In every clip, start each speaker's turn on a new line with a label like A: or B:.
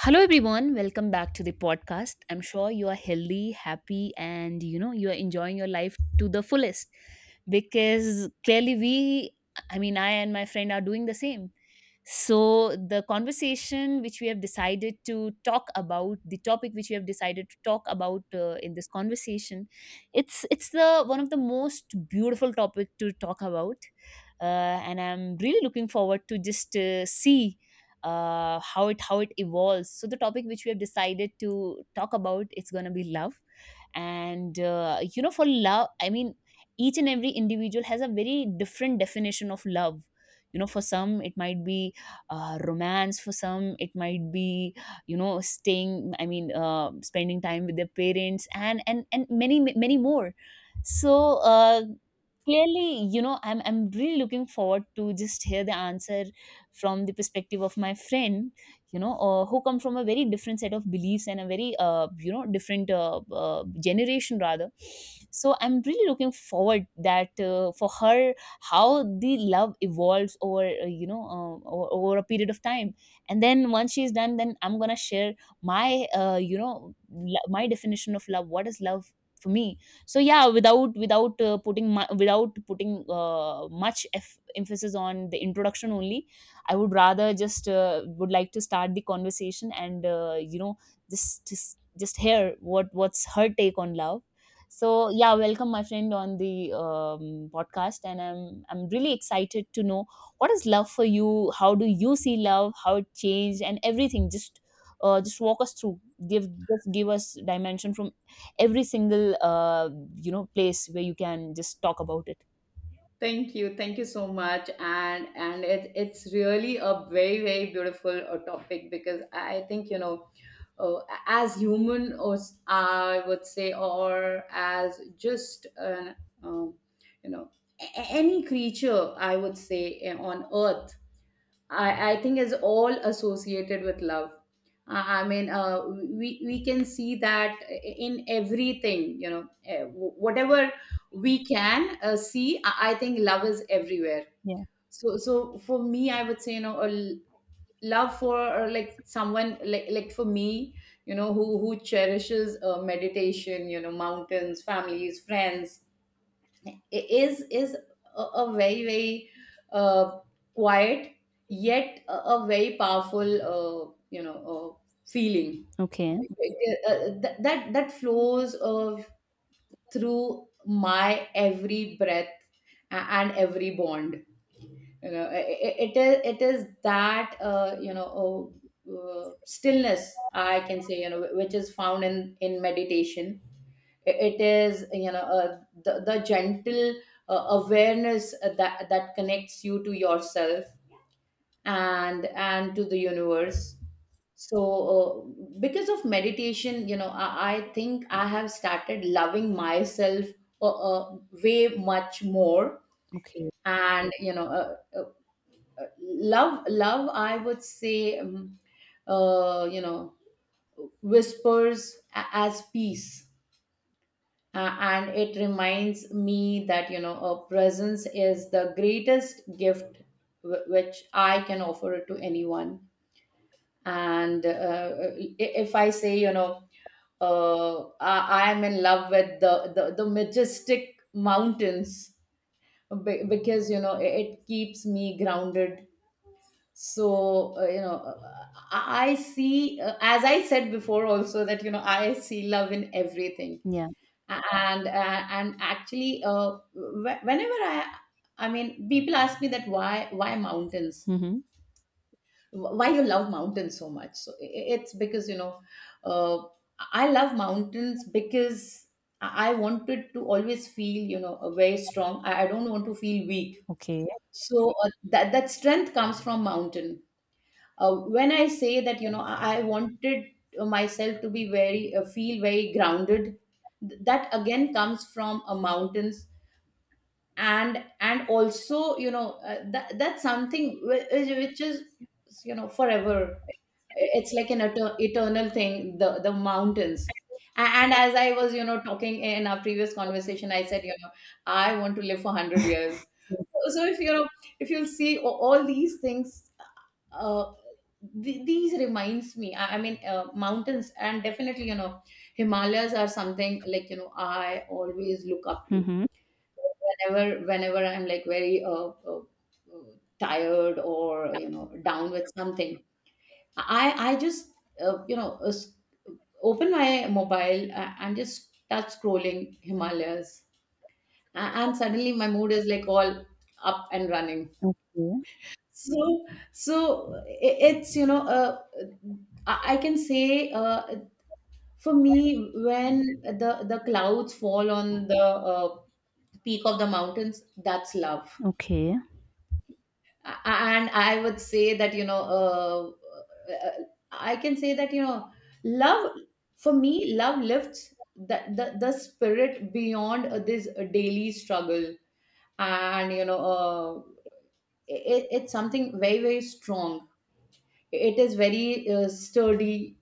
A: Hello everyone, welcome back to the podcast. I'm sure you are healthy, happy and you are enjoying your life to the fullest because clearly we I mean, I and my friend are doing the same. So the conversation which we have decided to talk about, the topic which we have decided to talk about, in this conversation, it's the one of the most beautiful topic to talk about, and I'm really looking forward to just see how it evolves. So the topic which we have decided to talk about it's gonna be love, and for love, I mean, each and every individual has a very different definition of love. You know, for some it might be romance. For some it might be staying. I mean, spending time with their parents, and and many more. So, clearly, you know, I'm really looking forward to just hear the answer from the perspective of my friend, who come from a very different set of beliefs, and a very different generation rather. So I'm really looking forward that for her, how the love evolves over over a period of time, and then once she's done then I'm gonna share my my definition of love, what is love for me. So yeah, without putting my, without putting much eff emphasis on the introduction only, I would rather just would like to start the conversation, and just just just hear what's her take on love. So yeah, welcome my friend on the um, podcast, and I'm really excited to know what is love for you, how do you see love, how it changed, and everything. Just just walk us through. Give Just give us dimension from every single place where you can just talk about it.
B: Thank you. Thank you so much. And it's really a very, very beautiful topic because I think, you know, uh, as human, or I would say, or as just an, um, you know, any creature, I would say, on earth, I think is all associated with love. I mean, we can see that in everything. You know, whatever we can see, I think love is everywhere.
A: Yeah.
B: So for me, I would say, you know, love for, or like someone, like for me, you know, who cherishes meditation, you know, mountains, families, friends, is a, very, very uh, quiet yet a, very powerful, feeling
A: Okay.
B: that flows through my every breath, and every bond. you know i- it is that, stillness, I can say, you know, which is found in meditation. It is, you know, the gentle awareness that connects you to yourself, and to the universe. So uh, because of meditation, you know, I think I have started loving myself, uh, uh, way much more.
A: Okay.
B: And, love, I would say, uh, you know whispers as peace. And it reminds me that, you know, a presence is the greatest gift, which I can offer it to anyone. And, if I say, uh, I am in love with the majestic mountains, because, you know, it keeps me grounded. So, I see, as I said before also, that, you know, I see love in everything.
A: Yeah.
B: And actually, whenever I mean, people ask me that, why mountains?
A: Mm-hmm.
B: Why you love mountains so much? It's because, uh, I love mountains because i I wanted to always feel, you know, very strong. I don't want to feel weak.
A: Okay.
B: So that strength comes from mountain. When I say that, you know, I wanted myself to be very feel very grounded. That again comes from a mountains. And also, that's something which is, you know, forever. It's like an eternal thing, the mountains. And as I was, you know, talking in our previous conversation, I said, you know, I want to live for 100 years. So if, you know, if you'll see all these things, uh, these reminds me, I mean, mountains, and definitely, you know, Himalayas are something, like, you know, I always look up to.
A: Mm-hmm.
B: Whenever I'm, like, very, uh, tired, or, you know, down with something, I just, uh, you know uh, s- open my mobile, and just start scrolling Himalayas. And suddenly my mood is, like, all up and running.
A: Okay,
B: So, so i- it's I can say, for me when the clouds fall on the, uh, peak of the mountains, that's love.
A: okay.
B: And I would say that, you know, uh, I can say that, you know, love, for me, love lifts the spirit beyond this daily struggle, and, you know, it's something very, very strong. It is very, sturdy.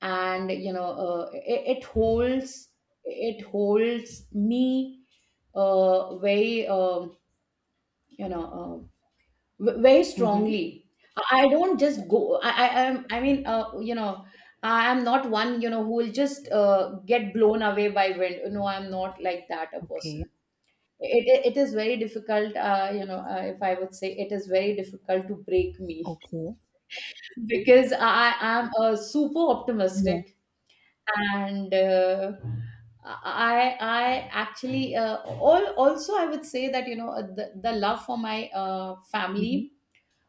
B: And, it holds me, very, you know very
A: Mhm.
B: strongly. I don't just go. I mean, I am not one, you know, who will just, get blown away by wind. No, I'm not like that a
A: Okay,
B: person. It is very difficult, if I would say, it is very difficult to break me.
A: okay.
B: Because I am, super
A: Yeah.
B: optimistic. And, I actually, all also, I would say that, the love for my,
A: Mhm.
B: family,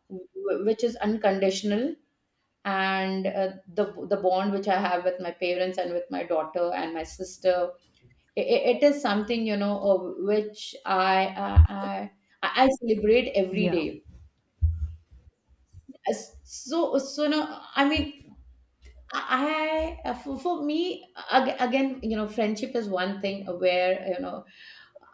B: which is unconditional. And, the bond which I have with my parents, and with my daughter and my sister, I it is something, you know, which I celebrate every
A: Yeah.
B: day. So no, I mean, I for me, again, you know, friendship is one thing where, you know,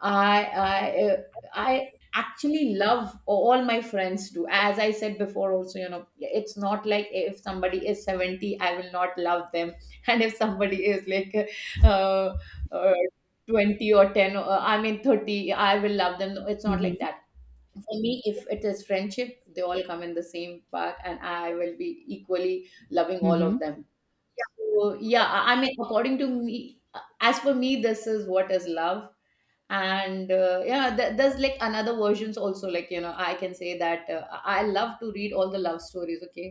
B: I I uh, I actually love all my friends do. As I said before, also, you know, it's not like if somebody is 70, I will not love them, and if somebody is, like, uh, uh, 20 or ten, I mean, 30, I will love them. No. It's not like
A: Mhm.
B: that. For me, if it is friendship, they all come in the same path, and I will be equally loving all of
A: Mhm.
B: them. So, yeah, I mean, according to me, as for me, this is what is love. And, yeah, there's, like, another versions also. Like, you know, I can say that, I love to read all the love stories. Okay.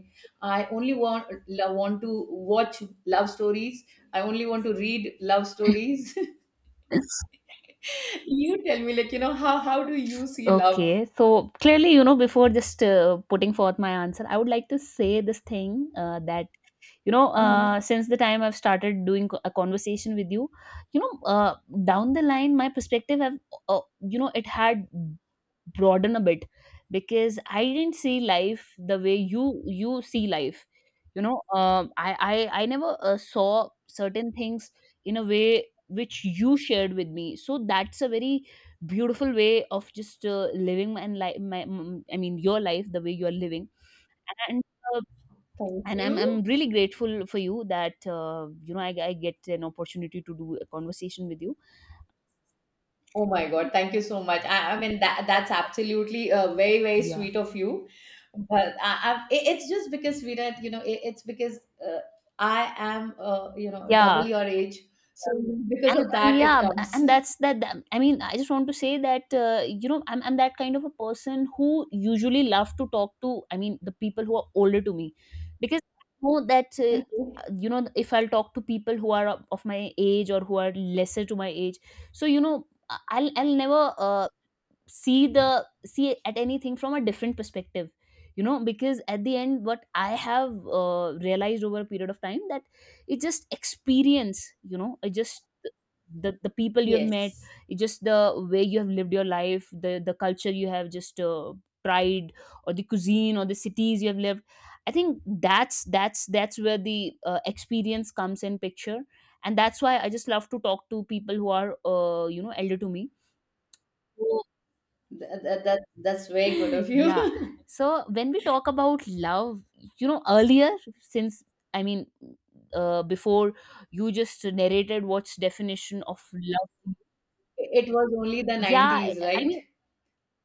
B: I only want want to watch love stories. I only want to read love stories. You tell me, like, you know, how do you see love?
A: Okay, so clearly, you know, before just putting forth my answer, I would like to say this thing that, you know,
B: Mhm.
A: since the time I've started doing a conversation with you, you know, down the line, my perspective have, you know, it had broaden a bit, because I didn't see life the way you see life, you know. I never saw certain things in a way which you shared with me, so that's a very beautiful way of just living my life, my I mean your life, the way you're living. And uh,
B: Thank
A: I'm,
B: you.
A: I'm really grateful for you that you know, I get an opportunity to do a conversation with you.
B: Oh my God, thank you so much. I mean that's absolutely, very, very
A: Yeah.
B: sweet of you, but it's just because we, you know, it's because, uh, I am,
A: Yeah.
B: double your age, so because
A: And
B: of
A: and
B: that it
A: yeah,
B: comes.
A: and that's that. I mean, I just want to say that you know, I'm that kind of a person who usually love to talk to. I mean, the people who are older to me, because I know that
B: Okay.
A: you know, if I'll talk to people who are of my age, or who are lesser to my age, so you know, I'll never uh, see the see at anything from a different perspective, you know, because at the end what I have realized over a period of time, that it's just experience, you know, it just the people you have met.
B: Yes,
A: It's just the way you have lived your life, the culture you have just tried, or the cuisine, or the cities you have lived. I think that's that's where the experience comes in picture, and that's why I just love to talk to people who are you know, elder to me. So,
B: that's very good of
A: yeah.
B: you.
A: So when we talk about love, you know, earlier, since, I mean, before you just narrated what's definition of love.
B: It was only the
A: Yeah,
B: nineties,
A: I
B: right?
A: mean,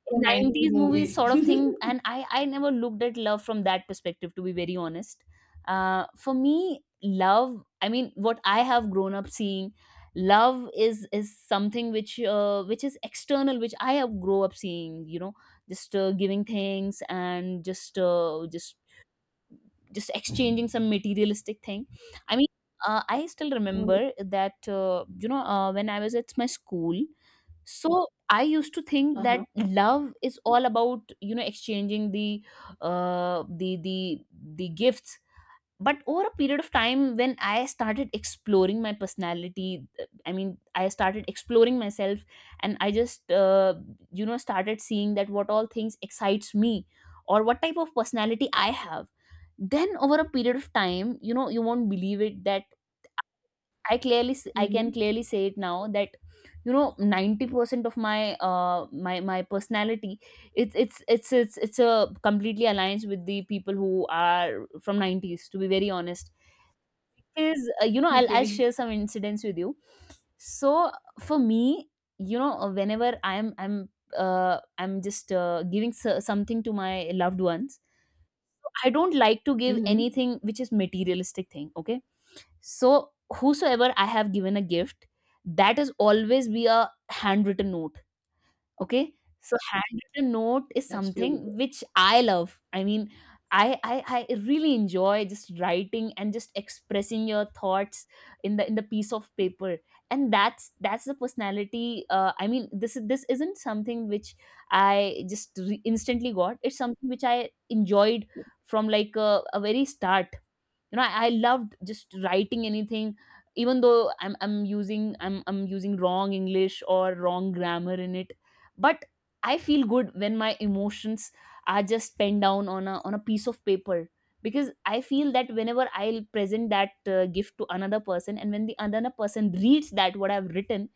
B: The 90s
A: 90s movies
B: movie.
A: sort of thing, and I never looked at love from that perspective, to be very honest. Uh, for me love, I mean what I have grown up seeing, love is something which is external, which I have grown up seeing, you know, just giving things, and just exchanging some materialistic thing. I mean I still remember that you know, when I was at my school, so I used to think
B: Uh
A: that
B: huh.
A: love is all about, you know, exchanging the uh the the the gifts. But over a period of time when I started exploring my personality, I mean, I started exploring myself, and I just you know, started seeing that what all things excites me, or what type of personality I have. Then over a period of time, you know, you won't believe it that I clearly I can
B: Mm-hmm.
A: clearly say it now that, you know, 90% of my my personality, it's a completely aligns with the people who are from 90s, to be very honest. Is you know, I'll share
B: Okay.
A: some incidents with you. So for me, you know, whenever I'm just giving something to my loved ones, I don't like to give
B: Mm-hmm.
A: anything which is materialistic thing. Okay. So whosoever I have given a gift, that is always be a handwritten note. Okay? So handwritten note is
B: That's beautiful.
A: something which I love. I mean, I really enjoy just writing and just expressing your thoughts in the piece of paper, and that's the personality. I mean, this is, this isn't something which I just instantly got. It's something which I enjoyed from like a very start. You know, I loved just writing anything, even though I'm using wrong English or wrong grammar in it, but I feel good when my emotions are just penned down on a piece of paper, because I feel that whenever I'll present that gift to another person, and when the another person reads that what I've written,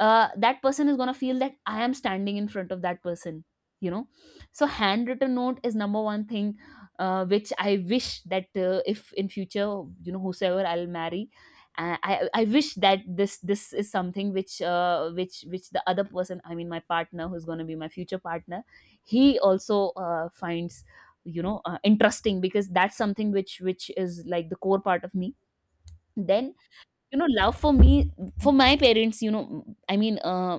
A: that person is going to feel that I am standing in front of that person, you know. So handwritten note is number one thing which I wish that if in future, you know, whosoever I'll marry, I wish that this is something which the other person, I mean my partner who's going to be my future partner, he also finds, you know, interesting, because that's something which is like the core part of me. Then, you know, love for me, for my parents, you know, I mean,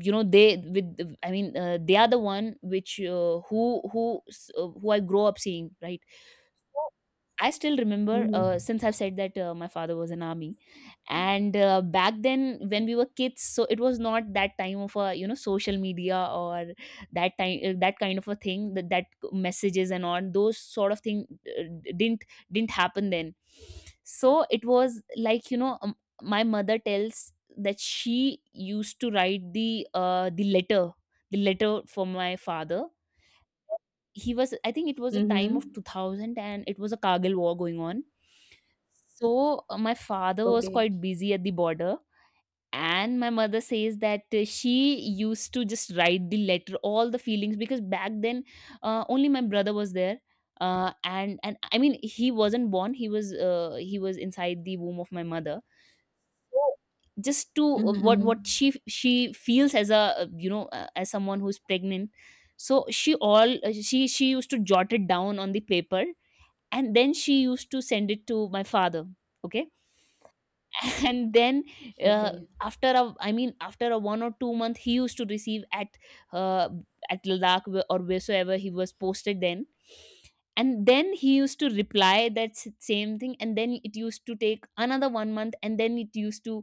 A: you know, they with, I mean, they are the one which who who I grow up seeing, right? So I still remember,
B: Mm-hmm.
A: since I've said that my father was an army, and back then when we were kids, so it was not that time of a, you know, social media, or that time that kind of a thing, that messages and all those sort of thing didn't didn't happen then. So it was like, you know, my mother tells that she used to write the the letter for my father. He was, I think it was a time of
B: Mm-hmm.
A: 2000, and it was a Kargil war going on. So my father was
B: Okay.
A: quite busy at the border. And my mother says that she used to just write the letter, all the feelings, because back then only my brother was there, and I mean, he wasn't born, he was inside the womb of my mother. So just to
B: Mm-hmm. Mm-hmm.
A: what she feels as a, you know, as someone who's pregnant, so she all she used to jot it down on the paper, and then she used to send it to my father. Okay, and then uh,
B: Okay.
A: after a, after a 1 or 2 month he used to receive uh, at Ladakh, or wheresoever he was posted then. And then he used to reply that same thing, and then it used to take another 1 month, and then it used to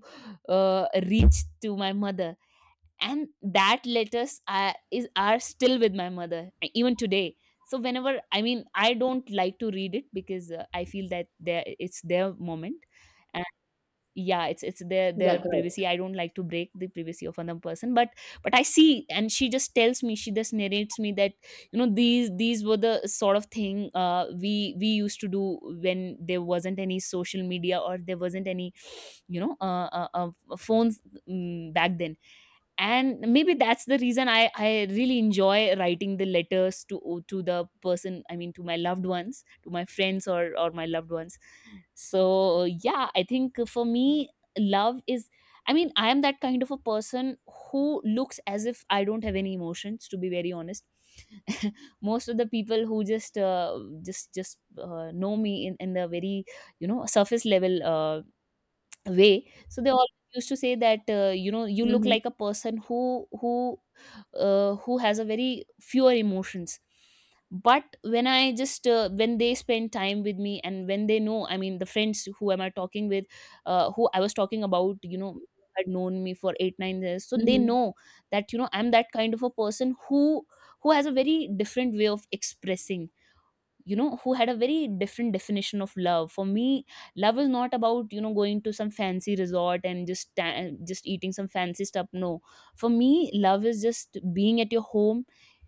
A: uh, reach to my mother. And that letters are, is are still with my mother even today. So whenever, I mean, I don't like to read it, because I feel that there it's their moment. Yeah, it's their
B: Yeah, correct.
A: privacy. I don't like to break the privacy of another person, but I see, and she just tells me, she just narrates me that, you know, these were the sort of thing we used to do when there wasn't any social media or there wasn't any phones mm back then. And maybe that's the reason I really enjoy writing the letters to the person, I mean to my loved ones, to my friends or my loved ones. So, yeah, I think for me, love is, I mean, I am that kind of a person who looks as if I don't have any emotions, to be very honest. Most of the people who just know me in the very, you know, surface level way, so they always used to say that, you know, you look
B: Hmm.
A: like a person who who has a very fewer emotions. But when I just when they spend time with me and when they know, I mean the friends who am I talking with, who I was talking about, you know, had known me for 8 9 years, so they
B: Hmm.
A: know that, you know, I'm that kind of a person who has a very different way of expressing, you know, who had a very different definition of love. For me, love is not about, you know, going to some fancy resort and just eating some fancy stuff. No, for me love is just being at your home,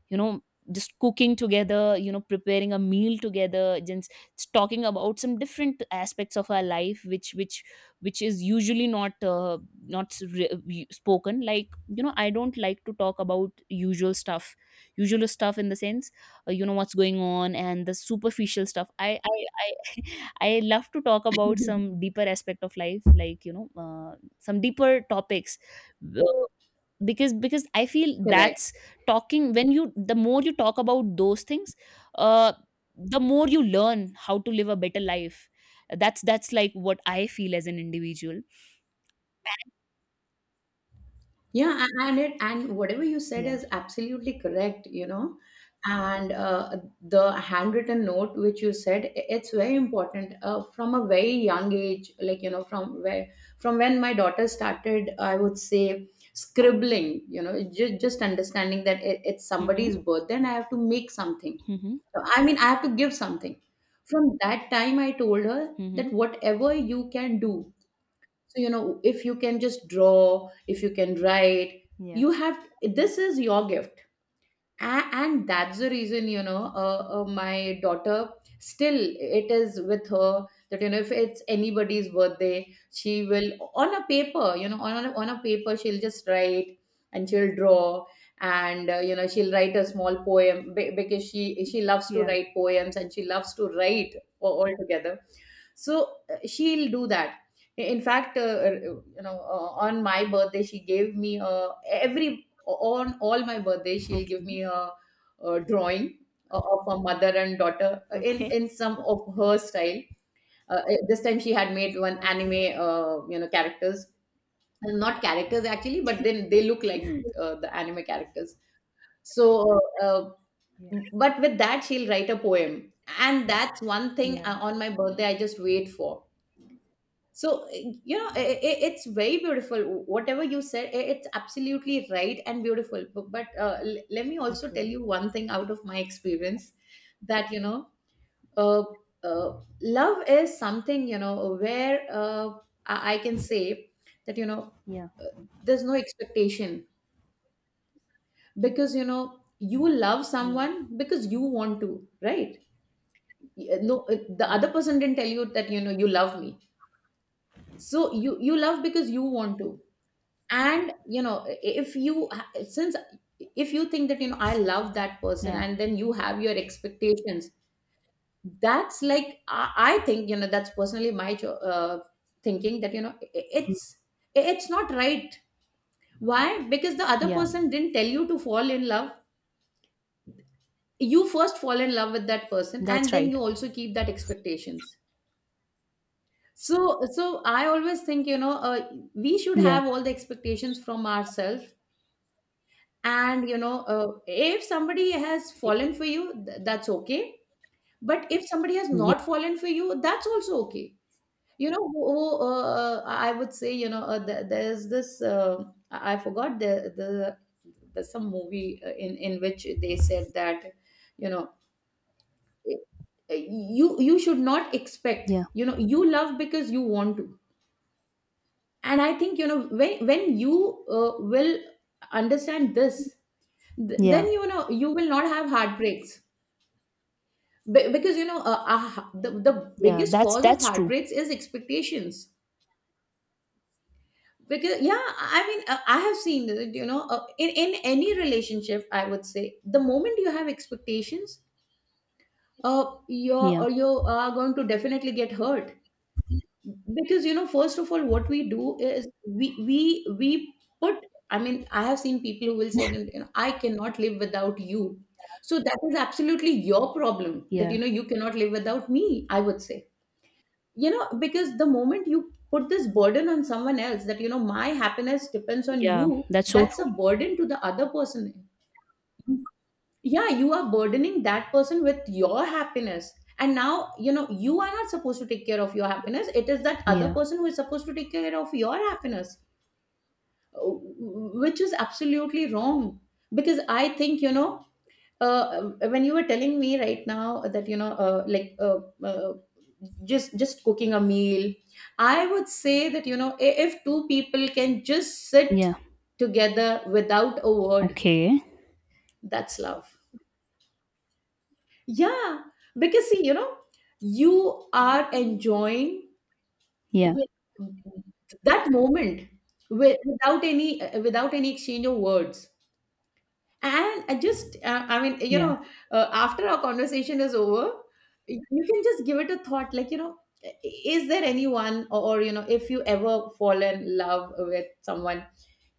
A: you know, just cooking together, you know, preparing a meal together, just talking about some different aspects of our life which is usually not not spoken, like, you know, I don't like to talk about usual stuff. Usual stuff in the sense, you know, what's going on and the superficial stuff. I, I love to talk about some deeper aspect of life, like, you know, some deeper topics, uh, because I feel
B: Correct.
A: that's talking, when you, the more you talk about those things, uh the more you learn how to live a better life. That's like what I feel as an individual.
B: Yeah, and whatever you said
A: Yeah.
B: is absolutely correct, you know. And, the handwritten note which you said, it's very important, from a very young age. Like, you know, from when my daughter started, I would say, scribbling, you know, just understanding that it's somebody's
A: Mm-hmm,
B: birthday and I have to make something.
A: mm-hmm,
B: So, I mean, I have to give something. From that time, I told her
A: mm-hmm.
B: that whatever you can do, so, you know, if you can just draw, if you can write,
A: Yeah,
B: you have, this is your gift. And that's the reason, you know, my daughter, still it is with her that, you know, if it's anybody's birthday, she will, on a paper, you know, on a paper, she'll just write, and she'll draw, and, she'll write a small poem, because she loves to
A: yeah,
B: write poems, and she loves to write altogether. So, she'll do that. In fact, on my birthday she gave me a, every, on all my birthdays, she'll give me a drawing, of a mother and daughter, in some of her style. This time she had made one anime, characters. Not characters actually, but then they look like, the anime characters. So, uh, uh, but with that she'll write a poem, and that's one thing, on my birthday I just wait for. so eh, you know i it's very beautiful. Whatever you said, it's absolutely right and beautiful, but let me also tell you one thing out of my experience, that, you know, uh, love is something, you know, where, I can say that, you know, uh, there's no expectation, because, you know, you love
A: yeah,
B: someone because you want to, right? No, the
A: yeah,
B: other person didn't tell you that, you know, you love me. So you love because you want to. And, you know, if you, since, if you think that, you know, I love that person,
A: yeah,
B: and then you have your expectations, that's, like, I think, you know, that's personally my thinking that, you know, it's not right. Why? Because the other
A: yeah.
B: person didn't tell you to fall in love. You first fall in love with that person,
A: That's
B: and then
A: right.
B: you also keep that expectations. So I always think, you know, we should
A: Yeah,
B: have all the expectations from ourselves. And, you know, if somebody has fallen for you, that's okay. But if somebody has
A: yeah,
B: not fallen for you, that's also okay. You know, I would say, you know, th- there's this I forgot the, there's some movie, in which they said that, you know, uh, you should not expect,
A: yeah,
B: you know, you love because you want to. And I think, you know, when you, will understand this, Th-
A: yeah,
B: then you know you will not have heartbreaks, because, you know, the
A: yeah.
B: biggest
A: That's
B: cause of
A: true.
B: heartbreaks is expectations. Because, yeah, I mean, I have seen it, you know, in any relationship, I would say, the moment you have expectations,
A: Yeah,
B: you are going to definitely get hurt. Because, you know, first of all, what we do is, we put, I mean, I have seen people who will say, you know, I cannot live without you. So that is absolutely your problem, that,
A: yeah,
B: you know, you cannot live without me, I would say, you know, because the moment you put this burden on someone else, that, you know, my happiness depends on
A: yeah.
B: you,
A: That's so
B: that's a
A: true.
B: burden to the other person. Yeah, you are burdening that person with your happiness. And now, you know, you are not supposed to take care of your happiness, it is that other
A: Yeah,
B: person who is supposed to take care of your happiness, uh, which is absolutely wrong. Because I think, you know, uh, when you were telling me right now that, you know, like, just cooking a meal, I would say that, you know, if two people can just sit
A: yeah.
B: together without a word,
A: Okay.
B: that's love. Yeah, because, see, you know, you are enjoying
A: Yeah, yeah,
B: that moment, without any, without any exchange of words. And I mean, you
A: yeah,
B: know, after our conversation is over, you can just give it a thought, like, you know, is there anyone, or, you know, if you ever fall in love with someone,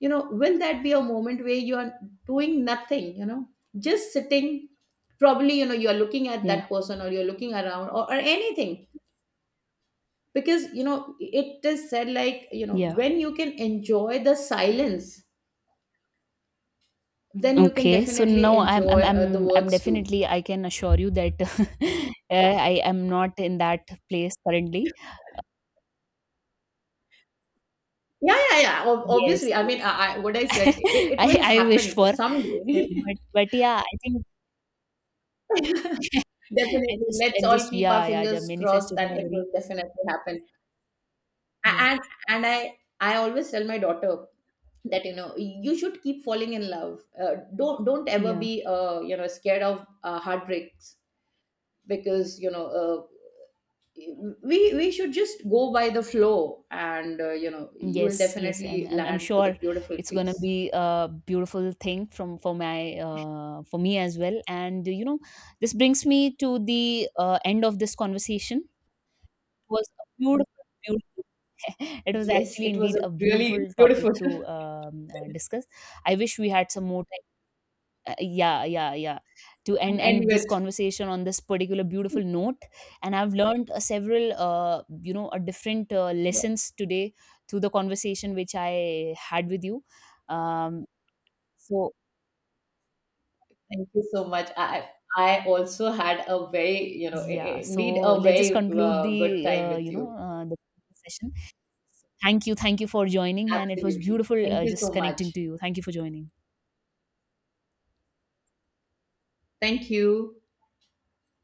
B: you know, will that be a moment where you are doing nothing, you know, just sitting, probably, you know, you're looking at
A: yeah,
B: that person, or you're looking around, or anything. Because you know it is said, like, you know,
A: yeah.
B: when you can enjoy the silence, then you can
A: Okay, so
B: definitely
A: no, I'm I'm
B: enjoy, the
A: I'm I'm
B: words too.
A: definitely, I can assure you that. I am not in that place currently.
B: Yeah, yeah, yeah. Ob-
A: Yes,
B: obviously I
A: yes.
B: mean, what I said, it
A: I
B: will
A: I
B: happen
A: wish for,
B: someday.
A: but yeah, I think I
B: Definitely,
A: just,
B: let's
A: and just,
B: all keep our
A: yeah, yeah, yeah,
B: fingers crossed
A: manifested
B: that
A: a
B: it
A: very,
B: will definitely happen. A-
A: yeah,
B: and and I always tell my daughter that, you know, you should keep falling in love. Don't ever
A: yeah.
B: be, scared of, heartbreaks. Because, you know, we should just go by the flow, and, you will
A: Yes, yes, I'm
B: definitely
A: I'm I'm
B: land to the
A: sure
B: beautiful
A: it's gonna
B: place.
A: be a beautiful thing, from for my for me as well. And you know, this brings me to the end of this conversation. Was a beautiful, beautiful, it was
B: Yes,
A: actually
B: it was
A: indeed
B: a
A: a
B: really
A: beautiful topic
B: beautiful.
A: to discuss. I wish we had some more time. Yeah, yeah, yeah. To
B: End
A: end this
B: with,
A: conversation on this particular beautiful note, and I've learned several, you know, different lessons today through the conversation which I had with you. Um, so
B: thank you so much. I also had a very, you know,
A: yeah,
B: indeed
A: so
B: a
A: let's just
B: very,
A: conclude
B: good
A: the
B: time with you.
A: the session. Thank you. Thank you for joining. And it was
B: Absolutely.
A: beautiful,
B: Thank you
A: just
B: so
A: connecting to
B: much.
A: you. Thank you for joining.
B: Thank you.